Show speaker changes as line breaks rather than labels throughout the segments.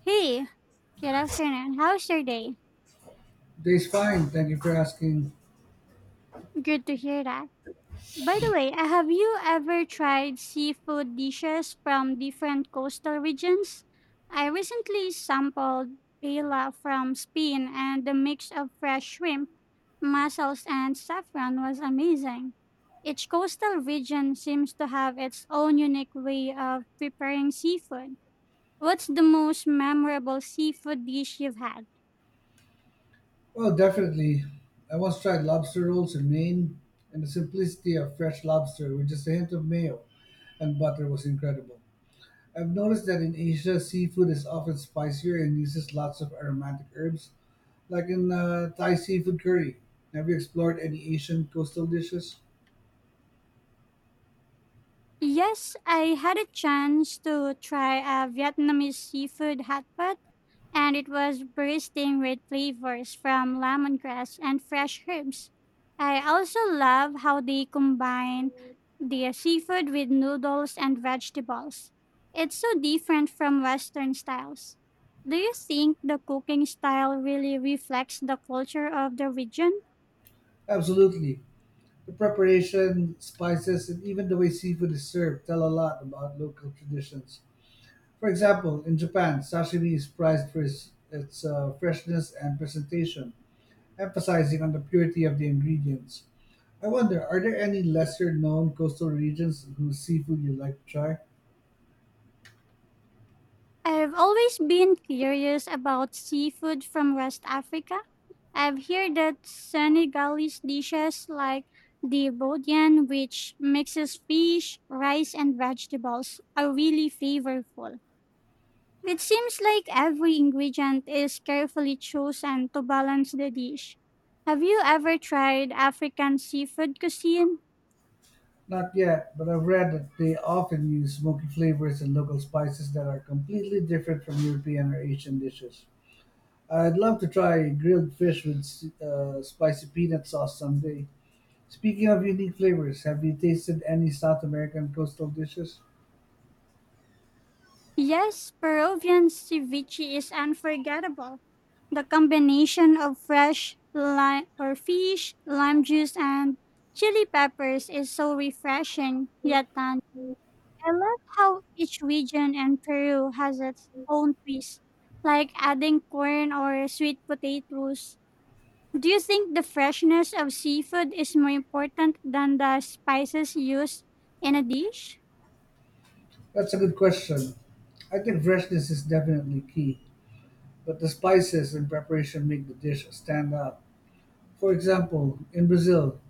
Hey, good afternoon. How's your day?
Day's fine, thank you for asking.
Good to hear that. By the way, have you ever tried seafood dishes from different coastal regions? I recently sampled paella from Spain, and the mix of fresh shrimp, mussels, and saffron was amazing. Each coastal region seems to have its own unique way of preparing seafood. What's the most memorable seafood dish you've had?
Well, definitely. I once tried lobster rolls in Maine, and the simplicity of fresh lobster with just a hint of mayo and butter was incredible. I've noticed that in Asia, seafood is often spicier and uses lots of aromatic herbs, like in Thai seafood curry. Have you explored any Asian coastal dishes?
Yes, I had a chance to try a Vietnamese seafood hot pot, and it was bursting with flavors from lemongrass and fresh herbs. I also love how they combine the seafood with noodles and vegetables. It's so different from Western styles. Do you think the cooking style really reflects the culture of the region?
Absolutely. The preparation, spices, and even the way seafood is served tell a lot about local traditions. For example, in Japan, sashimi is prized for its freshness and presentation, emphasizing on the purity of the ingredients. I wonder, are there any lesser known coastal regions whose seafood you'd like to try?
I've always been curious about seafood from West Africa. I've heard that Senegalese dishes like the Bodian, which mixes fish, rice, and vegetables, are really flavorful. It seems like every ingredient is carefully chosen to balance the dish. Have you ever tried African seafood cuisine?
Not yet, but I've read that they often use smoky flavors and local spices that are completely different from European or Asian dishes. I'd love to try grilled fish with spicy peanut sauce someday. Speaking of unique flavors, have you tasted any South American coastal dishes?
Yes, Peruvian ceviche is unforgettable. The combination of fresh lime or fish, lime juice, and chili peppers is so refreshing yet tangy. I love how each region in Peru has its own twist, like adding corn or sweet potatoes. Do you think the freshness of seafood is more important than the spices used in a dish?
That's a good question. I think freshness is definitely key, but the spices and preparation make the dish stand out. For example, in Brazil,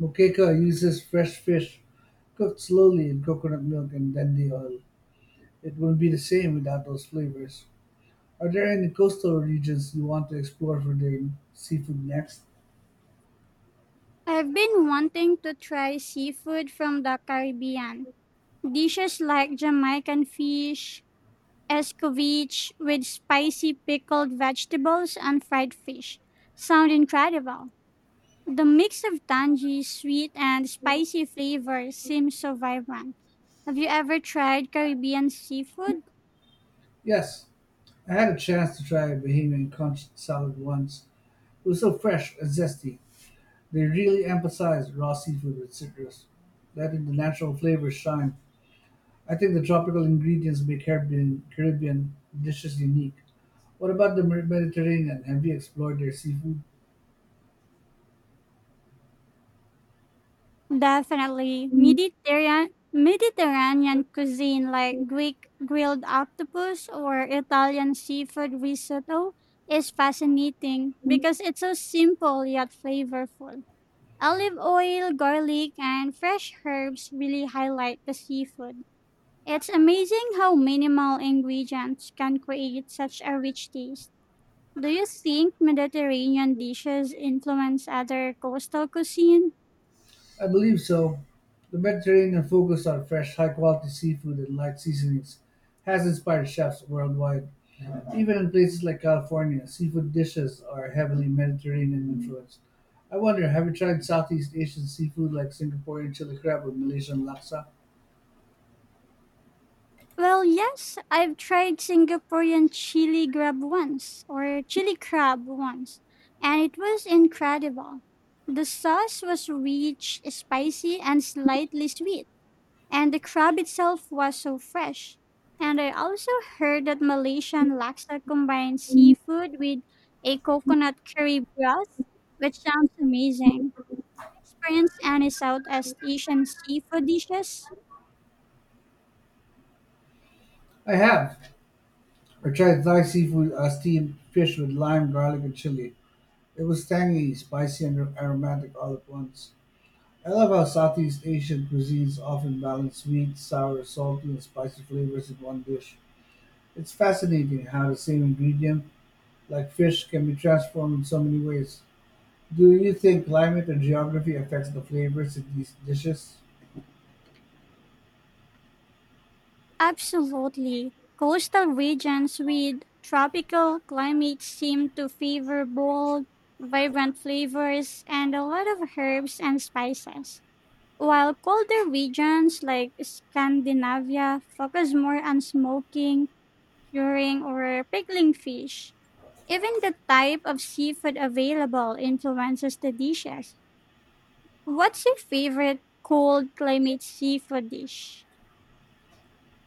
moqueca uses fresh fish cooked slowly in coconut milk and dende oil. It wouldn't be the same without those flavors. Are there any coastal regions you want to explore for their seafood next?
I've been wanting to try seafood from the Caribbean. Dishes like Jamaican fish, escovitch with spicy pickled vegetables and fried fish sound incredible. The mix of tangy, sweet, and spicy flavors seems so vibrant. Have you ever tried Caribbean seafood?
Yes, I had a chance to try a Bahamian conch salad once. It was so fresh and zesty. They really emphasize raw seafood with citrus, letting the natural flavors shine. I think the tropical ingredients make Caribbean dishes unique. What about the Mediterranean? Have you explored their seafood?
Definitely. Mediterranean cuisine like Greek grilled octopus or Italian seafood risotto is fascinating because it's so simple yet flavorful. Olive oil, garlic, and fresh herbs really highlight the seafood. It's amazing how minimal ingredients can create such a rich taste. Do you think Mediterranean dishes influence other coastal cuisine?
I believe so. The Mediterranean focus on fresh, high-quality seafood and light seasonings has inspired chefs worldwide. Even in places like California, seafood dishes are heavily Mediterranean influenced. I wonder, have you tried Southeast Asian seafood like Singaporean chili crab or Malaysian laksa?
Well, yes, I've tried Singaporean chili grab once or chili crab once, and it was incredible. The sauce was rich, spicy, and slightly sweet, and the crab itself was so fresh. And I also heard that Malaysian laksa combines seafood with a coconut curry broth, which sounds amazing. Experience any Southeast Asian seafood dishes?
I have. I tried Thai seafood, steamed fish with lime, garlic, and chili. It was tangy, spicy, and aromatic all at once. I love how Southeast Asian cuisines often balance sweet, sour, salty, and spicy flavors in one dish. It's fascinating how the same ingredient, like fish, can be transformed in so many ways. Do you think climate and geography affects the flavors in these dishes?
Absolutely. Coastal regions with tropical climates seem to favor bold, vibrant flavors and a lot of herbs and spices, while colder regions like Scandinavia focus more on smoking, curing, or pickling fish. Even the type of seafood available influences the dishes. What's your favorite cold climate seafood dish?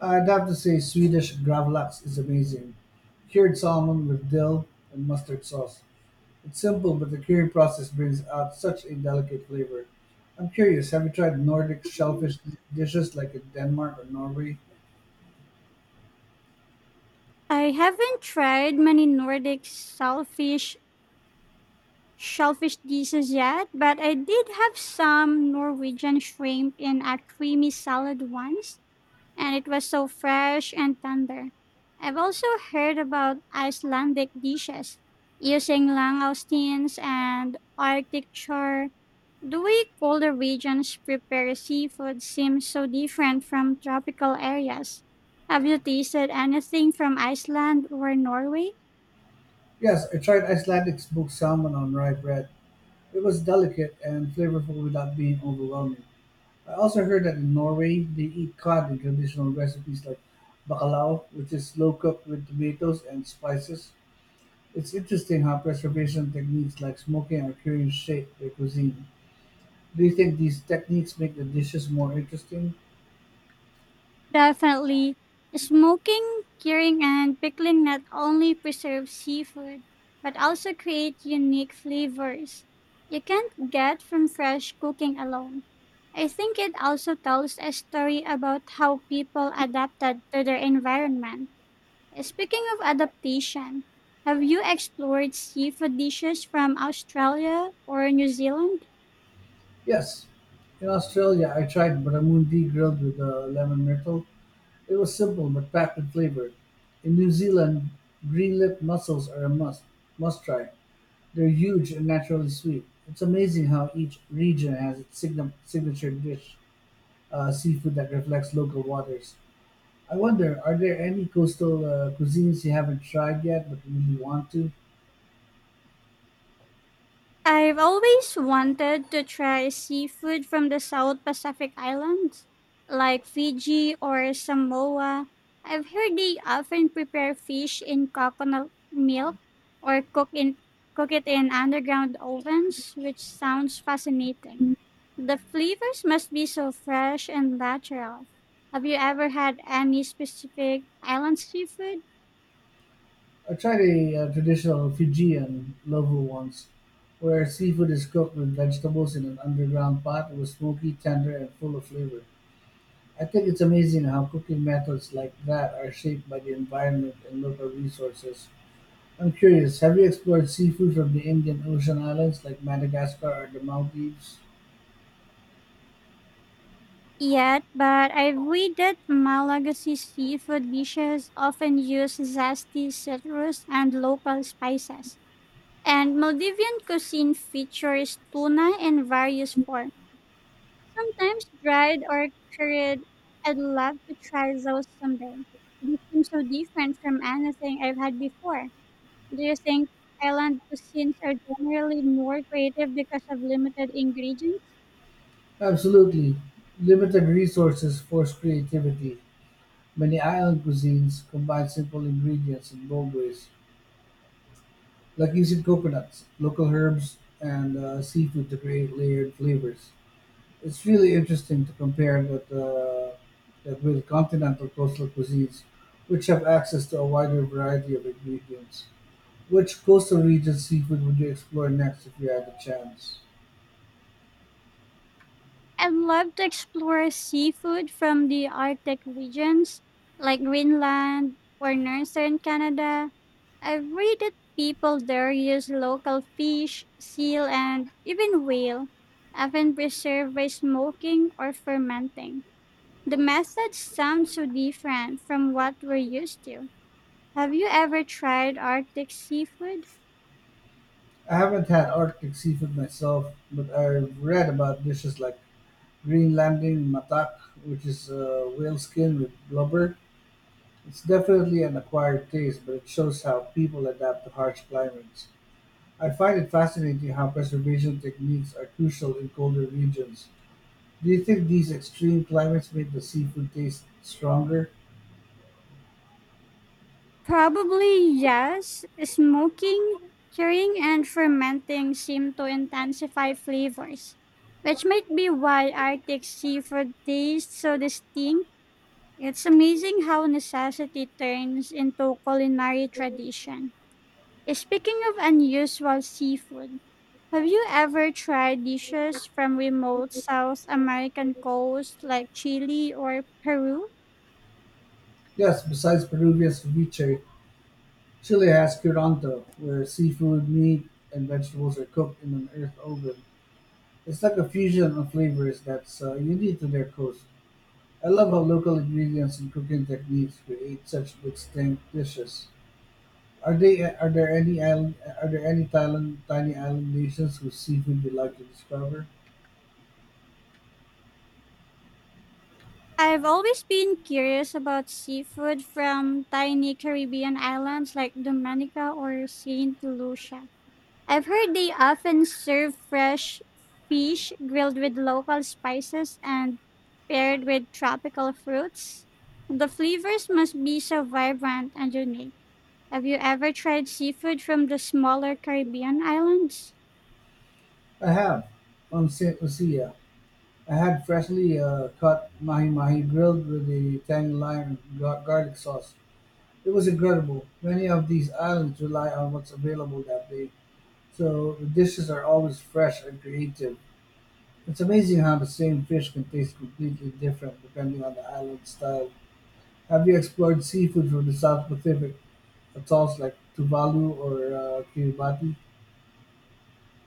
I'd have to say Swedish gravlax is amazing. Cured salmon with dill and mustard sauce. It's simple, but the curing process brings out such a delicate flavor. I'm curious, have you tried Nordic shellfish dishes like in Denmark or Norway?
I haven't tried many Nordic shellfish dishes yet, but I did have some Norwegian shrimp in a creamy salad once, and it was so fresh and tender. I've also heard about Icelandic dishes using langoustines and Arctic char. The way colder regions prepare seafood seems so different from tropical areas. Have you tasted anything from Iceland or Norway?
Yes, I tried Icelandic smoked salmon on rye bread. It was delicate and flavorful without being overwhelming. I also heard that in Norway, they eat cod in traditional recipes like bacalao, which is slow cooked with tomatoes and spices. It's interesting how preservation techniques like smoking or curing shape their cuisine. Do you think these techniques make the dishes more interesting?
Definitely. Smoking, curing, and pickling not only preserve seafood, but also create unique flavors you can't get from fresh cooking alone. I think it also tells a story about how people adapted to their environment. Speaking of adaptation, have you explored seafood dishes from Australia or New Zealand?
Yes, in Australia I tried barramundi grilled with a lemon myrtle. It was simple but packed with flavor. In New Zealand, green lip mussels are a must try. They're huge and naturally sweet. It's amazing how each region has its signature dish, seafood that reflects local waters. I wonder, are there any coastal cuisines you haven't tried yet but really want to?
I've always wanted to try seafood from the South Pacific Islands, like Fiji or Samoa. I've heard they often prepare fish in coconut milk or cook it in underground ovens, which sounds fascinating. The flavors must be so fresh and natural. Have you ever had any specific island seafood?
I tried a traditional Fijian lovu once, where seafood is cooked with vegetables in an underground pot. It was smoky, tender, and full of flavor. I think it's amazing how cooking methods like that are shaped by the environment and local resources. I'm curious, have you explored seafood from the Indian Ocean islands like Madagascar or the Maldives?
Yet, but I've that Malagasy seafood dishes often use zesty citrus and local spices. And Maldivian cuisine features tuna in various forms, sometimes dried or curried. I'd love to try those someday. They seem so different from anything I've had before. Do you think island cuisines are generally more creative because of limited ingredients?
Absolutely. Limited resources force creativity. Many island cuisines combine simple ingredients in bold ways, like using coconuts, local herbs, and seafood to create layered flavors. It's really interesting to compare that with continental coastal cuisines, which have access to a wider variety of ingredients. Which coastal region seafood would you explore next if you had the chance?
I'd love to explore seafood from the Arctic regions, like Greenland or northern Canada. I've read that people there use local fish, seal, and even whale, often preserved by smoking or fermenting. The methods sound so different from what we're used to. Have you ever tried Arctic seafood?
I haven't had Arctic seafood myself, but I've read about dishes like Greenlanding matak, which is whale skin with blubber. It's definitely an acquired taste, but it shows how people adapt to harsh climates. I find it fascinating how preservation techniques are crucial in colder regions. Do you think these extreme climates make the seafood taste stronger?
Probably yes. Smoking, curing, and fermenting seem to intensify flavors, which might be why Arctic seafood tastes so distinct. It's amazing how necessity turns into culinary tradition. Speaking of unusual seafood, have you ever tried dishes from remote South American coast like Chile or Peru?
Yes, besides Peruvian ceviche, Chile has curanto, where seafood, meat, and vegetables are cooked in an earth oven. It's like a fusion of flavors that's unique to their coast. I love how local ingredients and cooking techniques create such distinct dishes. Are they are there any island are there any Thailand tiny island nations whose seafood you would like to discover?
I've always been curious about seafood from tiny Caribbean islands like Dominica or Saint Lucia. I've heard they often serve fresh fish grilled with local spices and paired with tropical fruits. The flavors must be so vibrant and unique. Have you ever tried seafood from the smaller Caribbean islands?
I have. On Saint Lucia, I had freshly caught mahi mahi grilled with a tangy lime and garlic sauce. It was incredible. Many of these islands rely on what's available that day, so the dishes are always fresh and creative. It's amazing how the same fish can taste completely different depending on the island style. Have you explored seafood from the South Pacific? It sounds like Tuvalu or Kiribati.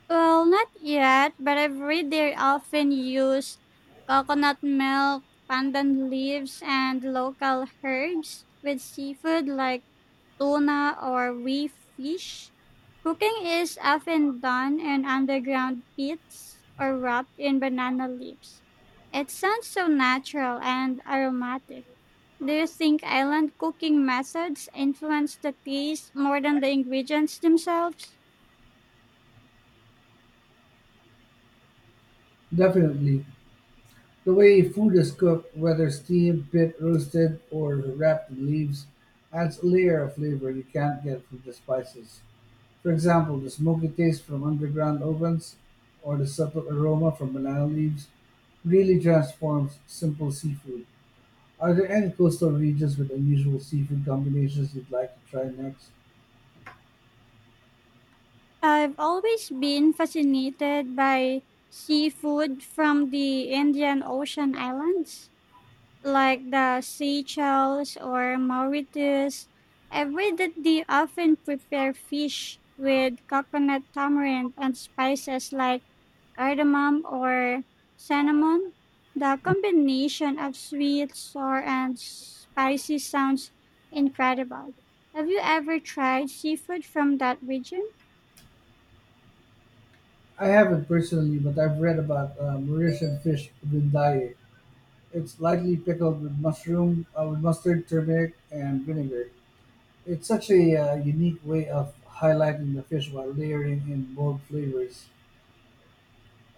Well, not yet, but I've read they often use coconut milk, pandan leaves, and local herbs with seafood like tuna or wee fish. Cooking is often done in underground pits or wrapped in banana leaves. It sounds so natural and aromatic. Do you think island cooking methods influence the taste more than the ingredients themselves?
Definitely. The way food is cooked, whether steamed, pit roasted, or wrapped in leaves, adds a layer of flavor you can't get from the spices. For example, the smoky taste from underground ovens or the subtle aroma from banana leaves really transforms simple seafood. Are there any coastal regions with unusual seafood combinations you'd like to try next?
I've always been fascinated by seafood from the Indian Ocean islands, like the Seychelles or Mauritius. I've read that they often prepare fish with coconut tamarind and spices like cardamom or cinnamon. The combination of sweet, sour, and spicy sounds incredible. Have you ever tried seafood from that region?
I haven't personally, but I've read about Mauritian fish vindaye. It's lightly pickled with mustard, turmeric, and vinegar. It's such a unique way of highlighting the fish while layering in bold flavors.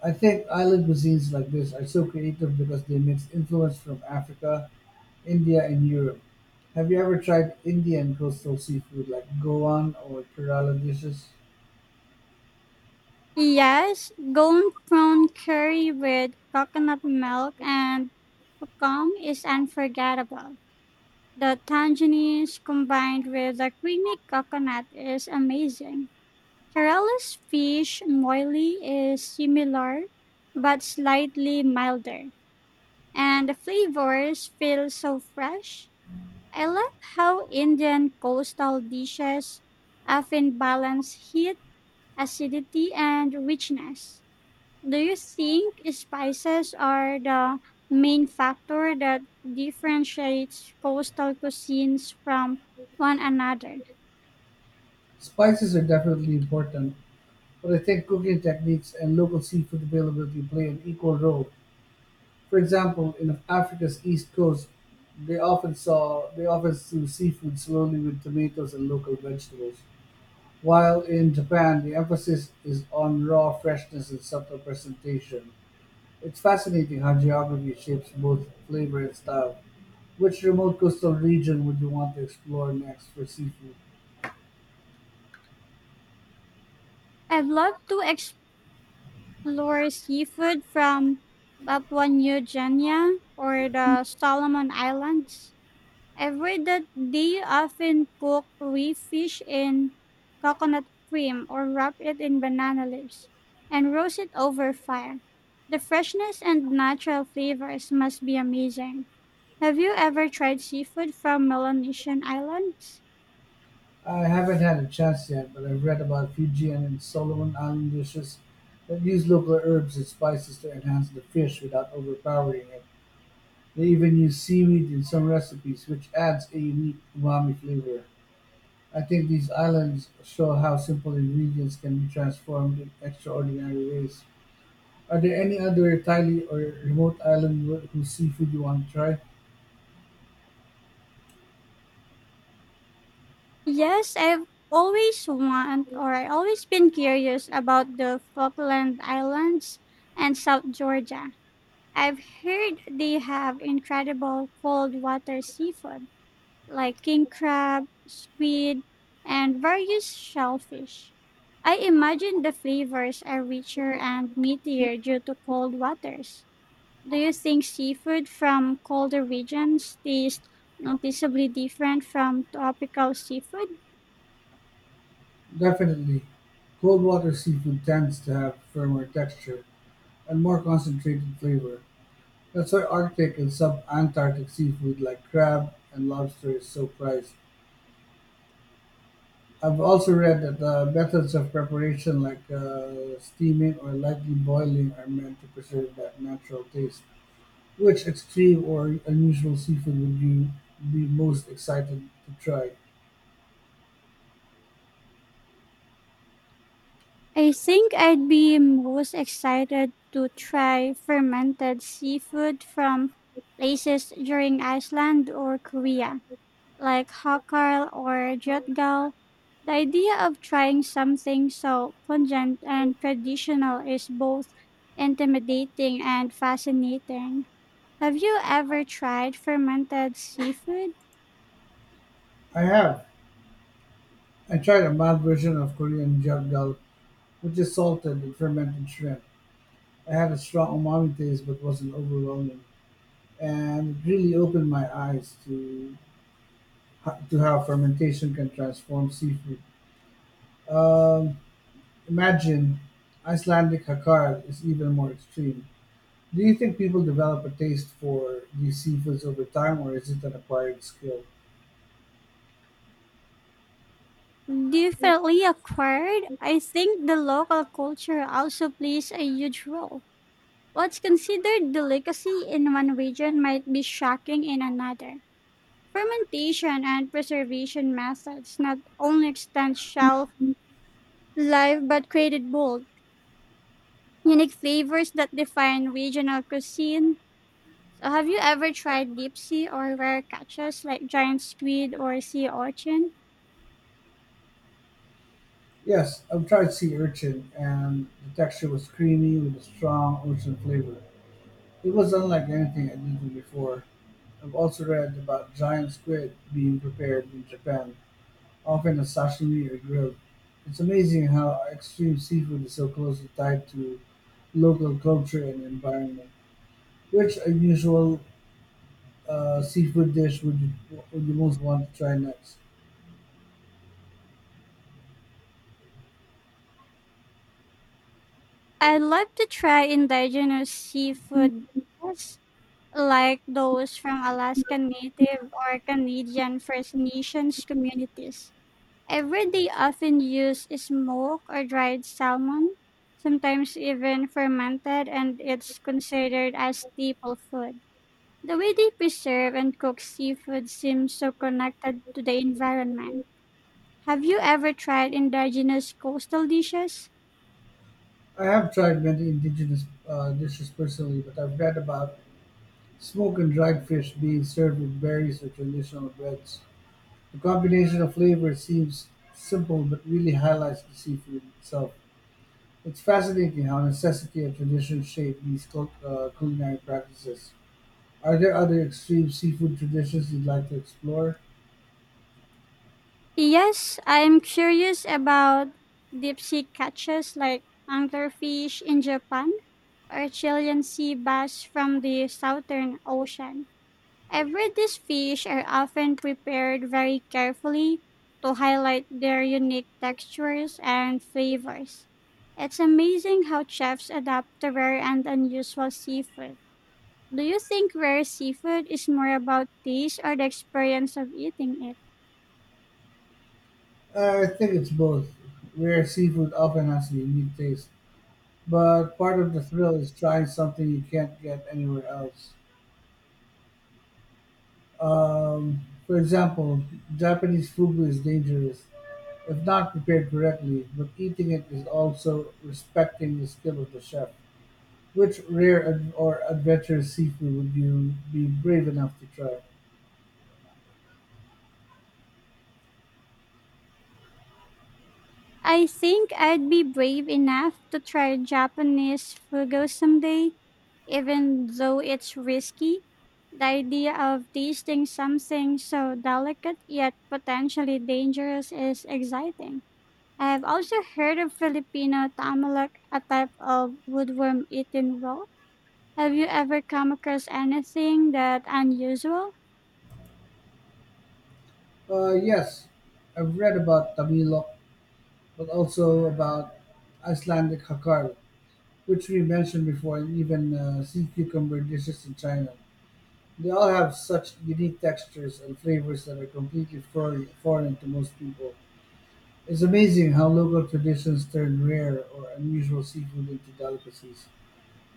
I think island cuisines like this are so creative because they mix influence from Africa, India, and Europe. Have you ever tried Indian coastal seafood like Goan or Kerala dishes?
Yes, golden prawn curry with coconut milk and Pucum is unforgettable. The tangerines combined with the creamy coconut is amazing. Kerala's fish moili is similar but slightly milder, and the flavors feel so fresh. I love how Indian coastal dishes often balance heat, acidity, and richness. Do you think spices are the main factor that differentiates coastal cuisines from one another?
Spices are definitely important, but I think cooking techniques and local seafood availability play an equal role. For example, in Africa's east coast, they often season seafood slowly with tomatoes and local vegetables, while in Japan the emphasis is on raw freshness and subtle presentation. It's fascinating how geography shapes both flavor and style. Which remote coastal region would you want to explore next for seafood?
I'd love to explore seafood from Papua New Guinea or the Solomon Islands. I've read that they often cook reef fish in coconut cream or wrap it in banana leaves and roast it over fire. The freshness and natural flavors must be amazing. Have you ever tried seafood from Melanesian islands?
I haven't had a chance yet, but I've read about Fijian and Solomon Island dishes that use local herbs and spices to enhance the fish without overpowering it. They even use seaweed in some recipes, which adds a unique umami flavor. I think these islands show how simple ingredients can be transformed in extraordinary ways. Are there any other Thai or remote island whose seafood you want to try?
Yes, I always been curious about the Falkland Islands and South Georgia. I've heard they have incredible cold water seafood. Like king crab, squid, and various shellfish. I imagine the flavors are richer and meatier due to cold waters. Do you think seafood from colder regions taste noticeably different from tropical seafood?
Definitely. Cold water seafood tends to have firmer texture and more concentrated flavor. That's why Arctic and sub Antarctic seafood like crab and lobster is so prized. I've also read that the methods of preparation like steaming or lightly boiling are meant to preserve that natural taste. Which extreme or unusual seafood would you be most excited to try?
I think I'd be most excited to try fermented seafood from places during Iceland or Korea. Like Hokkaido or Jotgao, the idea of trying something so pungent and traditional is both intimidating and fascinating. Have you ever tried fermented seafood?
I have. I tried a mild version of Korean janggal, which is salted and fermented shrimp. I had a strong umami taste but wasn't overwhelming, and it really opened my eyes to how fermentation can transform seafood. Um, Imagine Icelandic "hakkarl" is even more extreme. Do you think people develop a taste for these seafoods over time, or is it an acquired skill?
Definitely acquired. I think the local culture also plays a huge role. What's considered delicacy in one region might be shocking in another. Fermentation and preservation methods not only extend shelf live but created bold, unique flavors that define regional cuisine. So, have you ever tried deep sea or rare catches like giant squid or sea urchin?
Yes, I've tried sea urchin, and the texture was creamy with a strong ocean flavor. It was unlike anything I'd eaten before. I've also read about giant squid being prepared in Japan, often as sashimi or grilled. It's amazing how extreme seafood is so closely tied to local culture and environment. Which unusual seafood dish would you most want to try next?
I'd love to try indigenous seafood dishes like those from Alaskan Native or Canadian First Nations communities. Every day often use smoked or dried salmon, sometimes even fermented, and it's considered as staple food. The way they preserve and cook seafood seems so connected to the environment. Have you ever tried indigenous coastal dishes?
I have tried many indigenous dishes personally, but I've read about smoked and dried fish being served with berries or traditional breads. The combination of flavors seems simple but really highlights the seafood itself. It's fascinating how necessity and tradition shape these culinary practices. Are there other extreme seafood traditions you'd like to explore?
Yes, I'm curious about deep sea catches like anglerfish in Japan or Chilean sea bass from the Southern Ocean. Every have these fish are often prepared very carefully to highlight their unique textures and flavors. It's amazing how chefs adapt to rare and unusual seafood. Do you think rare seafood is more about taste or the experience of eating it?
I think it's both. Rare seafood often has a unique taste, but part of the thrill is trying something you can't get anywhere else. Um, for example, Japanese fugu is dangerous if not prepared correctly, but eating it is also respecting the skill of the chef. Which rare ad- or adventurous seafood would you be brave enough to try?
I think I'd be brave enough to try Japanese fugu someday, even though it's risky. The idea of tasting something so delicate yet potentially dangerous is exciting. I have also heard of Filipino tamalak, a type of woodworm eaten raw. Have you ever come across anything that unusual
Yes, I've read about tamilok, but also about Icelandic hakar, which we mentioned before, and even sea cucumber dishes in China. They all have such unique textures and flavors that are completely foreign to most people. It's amazing how local traditions turn rare or unusual seafood into delicacies.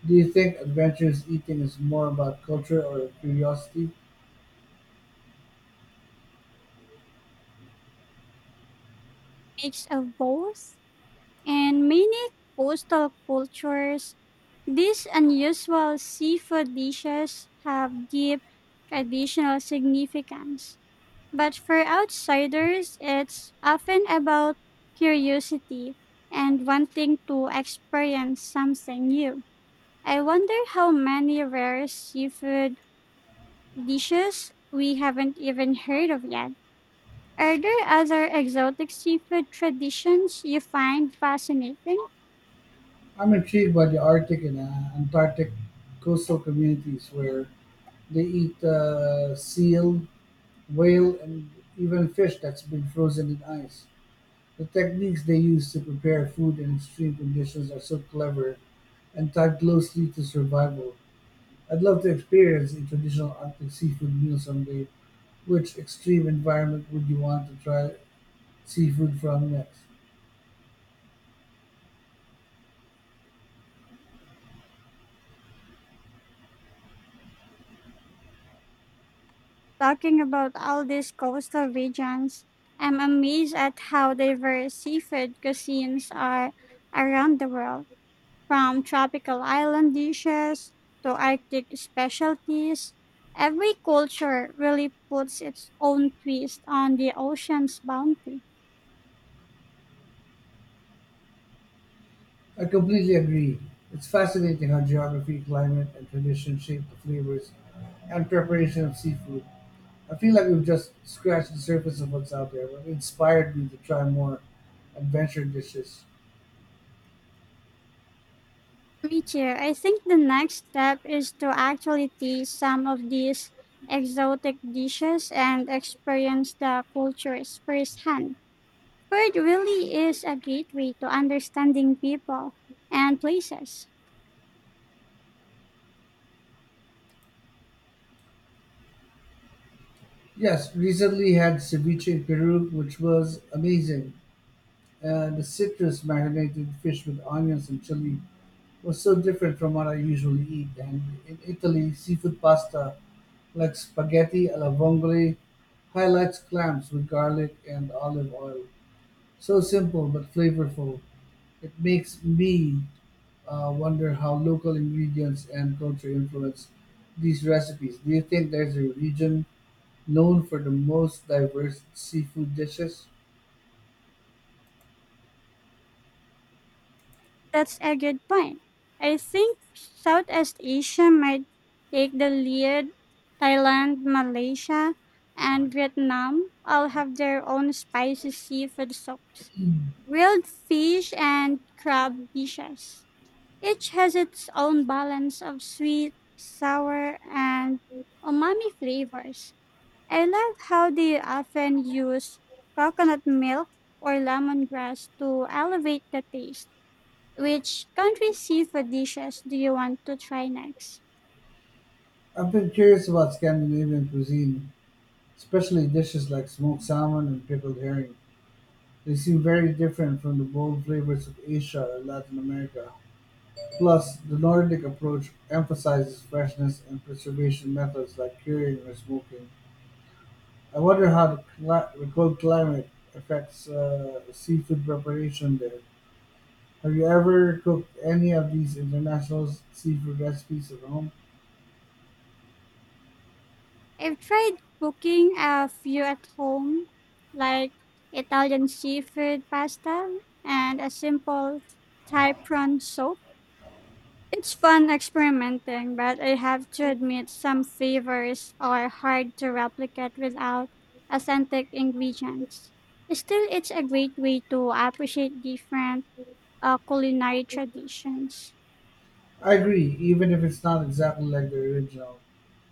Do you think adventurous eating is more about culture or curiosity?
mix of both? In many coastal cultures, these unusual seafood dishes have deep traditional significance. But for outsiders, it's often about curiosity and wanting to experience something new. I wonder how many rare seafood dishes we haven't even heard of yet. Are there other exotic seafood traditions you find fascinating?
I'm intrigued by the Arctic and Antarctic coastal communities where they eat seal, whale, and even fish that's been frozen in ice. The techniques they use to prepare food in extreme conditions are so clever and tied closely to survival. I'd love to experience a traditional Arctic seafood meal someday. Which extreme environment would you want to try seafood from next?
Talking about all these coastal regions, I'm amazed at how diverse seafood cuisines are around the world, from tropical island dishes to Arctic specialties. Every culture really puts its own twist on the ocean's bounty.
I completely agree. It's fascinating how geography, climate, and tradition shape the flavors and preparation of seafood. I feel like we've just scratched the surface of what's out there, but it inspired me to try more adventure dishes.
Me too. I think the next step is to actually taste some of these exotic dishes and experience the cultures firsthand. Food really is a gateway to understanding people and places.
Yes, recently had ceviche in Peru, which was amazing. The citrus marinated fish with onions and chili was so different from what I usually eat, and in Italy, seafood pasta like spaghetti alla vongole highlights clams with garlic and olive oil. So simple but flavorful, it makes me wonder how local ingredients and culture influence these recipes. Do you think there's a region known for the most diverse seafood dishes?
That's a good point. I think Southeast Asia might take the lead. Thailand, Malaysia, and Vietnam all have their own spicy seafood soups, grilled fish, and crab dishes. Each has its own balance of sweet, sour, and umami flavors. I love how they often use coconut milk or lemongrass to elevate the taste. Which country seafood dishes do you want to try next?
I've been curious about Scandinavian cuisine, especially dishes like smoked salmon and pickled herring. They seem very different from the bold flavors of Asia or Latin America. Plus, the Nordic approach emphasizes freshness and preservation methods like curing or smoking. I wonder how the cold climate affects seafood preparation there. Have you ever cooked any of these international seafood recipes at home?
I've tried cooking a few at home, like Italian seafood pasta and a simple Thai prawn soup. It's fun experimenting, but I have to admit some flavors are hard to replicate without authentic ingredients. Still, it's a great way to appreciate different culinary traditions.
I agree, even if it's not exactly like the original.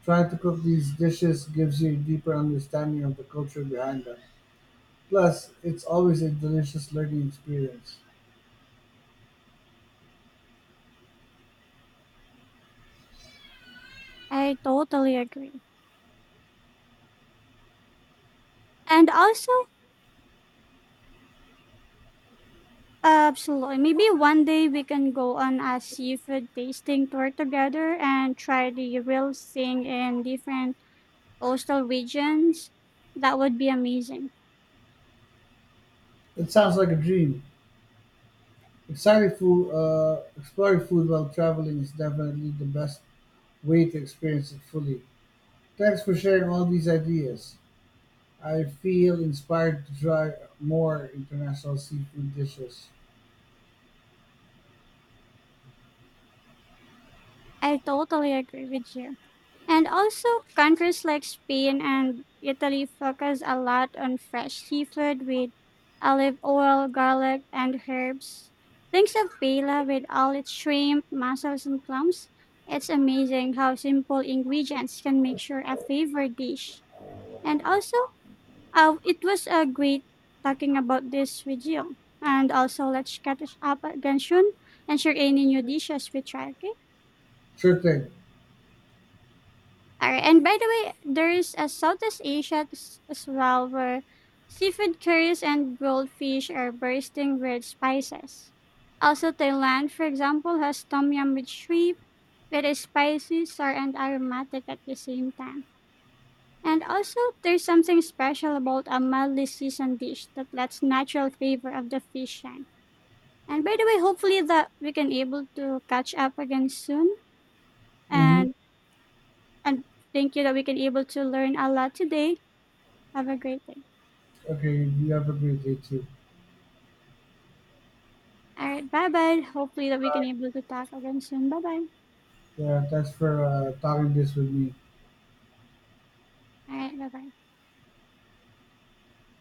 Trying to cook these dishes gives you a deeper understanding of the culture behind them. Plus, it's always a delicious learning experience.
I totally agree. And also, absolutely, maybe one day we can go on a seafood tasting tour together and try the real thing in different coastal regions. That would be amazing.
It sounds like a dream. Exciting exploring food while traveling is definitely the best way to experience it fully. Thanks for sharing all these ideas. I feel inspired to try more international seafood dishes.
I totally agree with you. And also, countries like Spain and Italy focus a lot on fresh seafood with olive oil, garlic, and herbs. Think of paella with all its shrimp, mussels, and clams. It's amazing how simple ingredients can make sure a favorite dish. And also, it was a great talking about this with you. And also, let's catch up again soon and share any new dishes we try, okay?
Sure thing.
All right. And by the way, there is a Southeast Asia as well where seafood curries and goldfish are bursting with spices. Also, Thailand, for example, has tom yum with shrimp that is spicy, sour, and aromatic at the same time. And also, there's something special about a mildly seasoned dish that lets natural flavor of the fish shine. And by the way, hopefully that we can able to catch up again soon.
Hmm.
And and thank you that we can able to learn a lot today. Have a great day.
Okay, you have a great day too.
All right. Bye bye. Hopefully that we can able to talk again soon. Bye bye.
Yeah, thanks for talking this with me.
All right. Bye bye.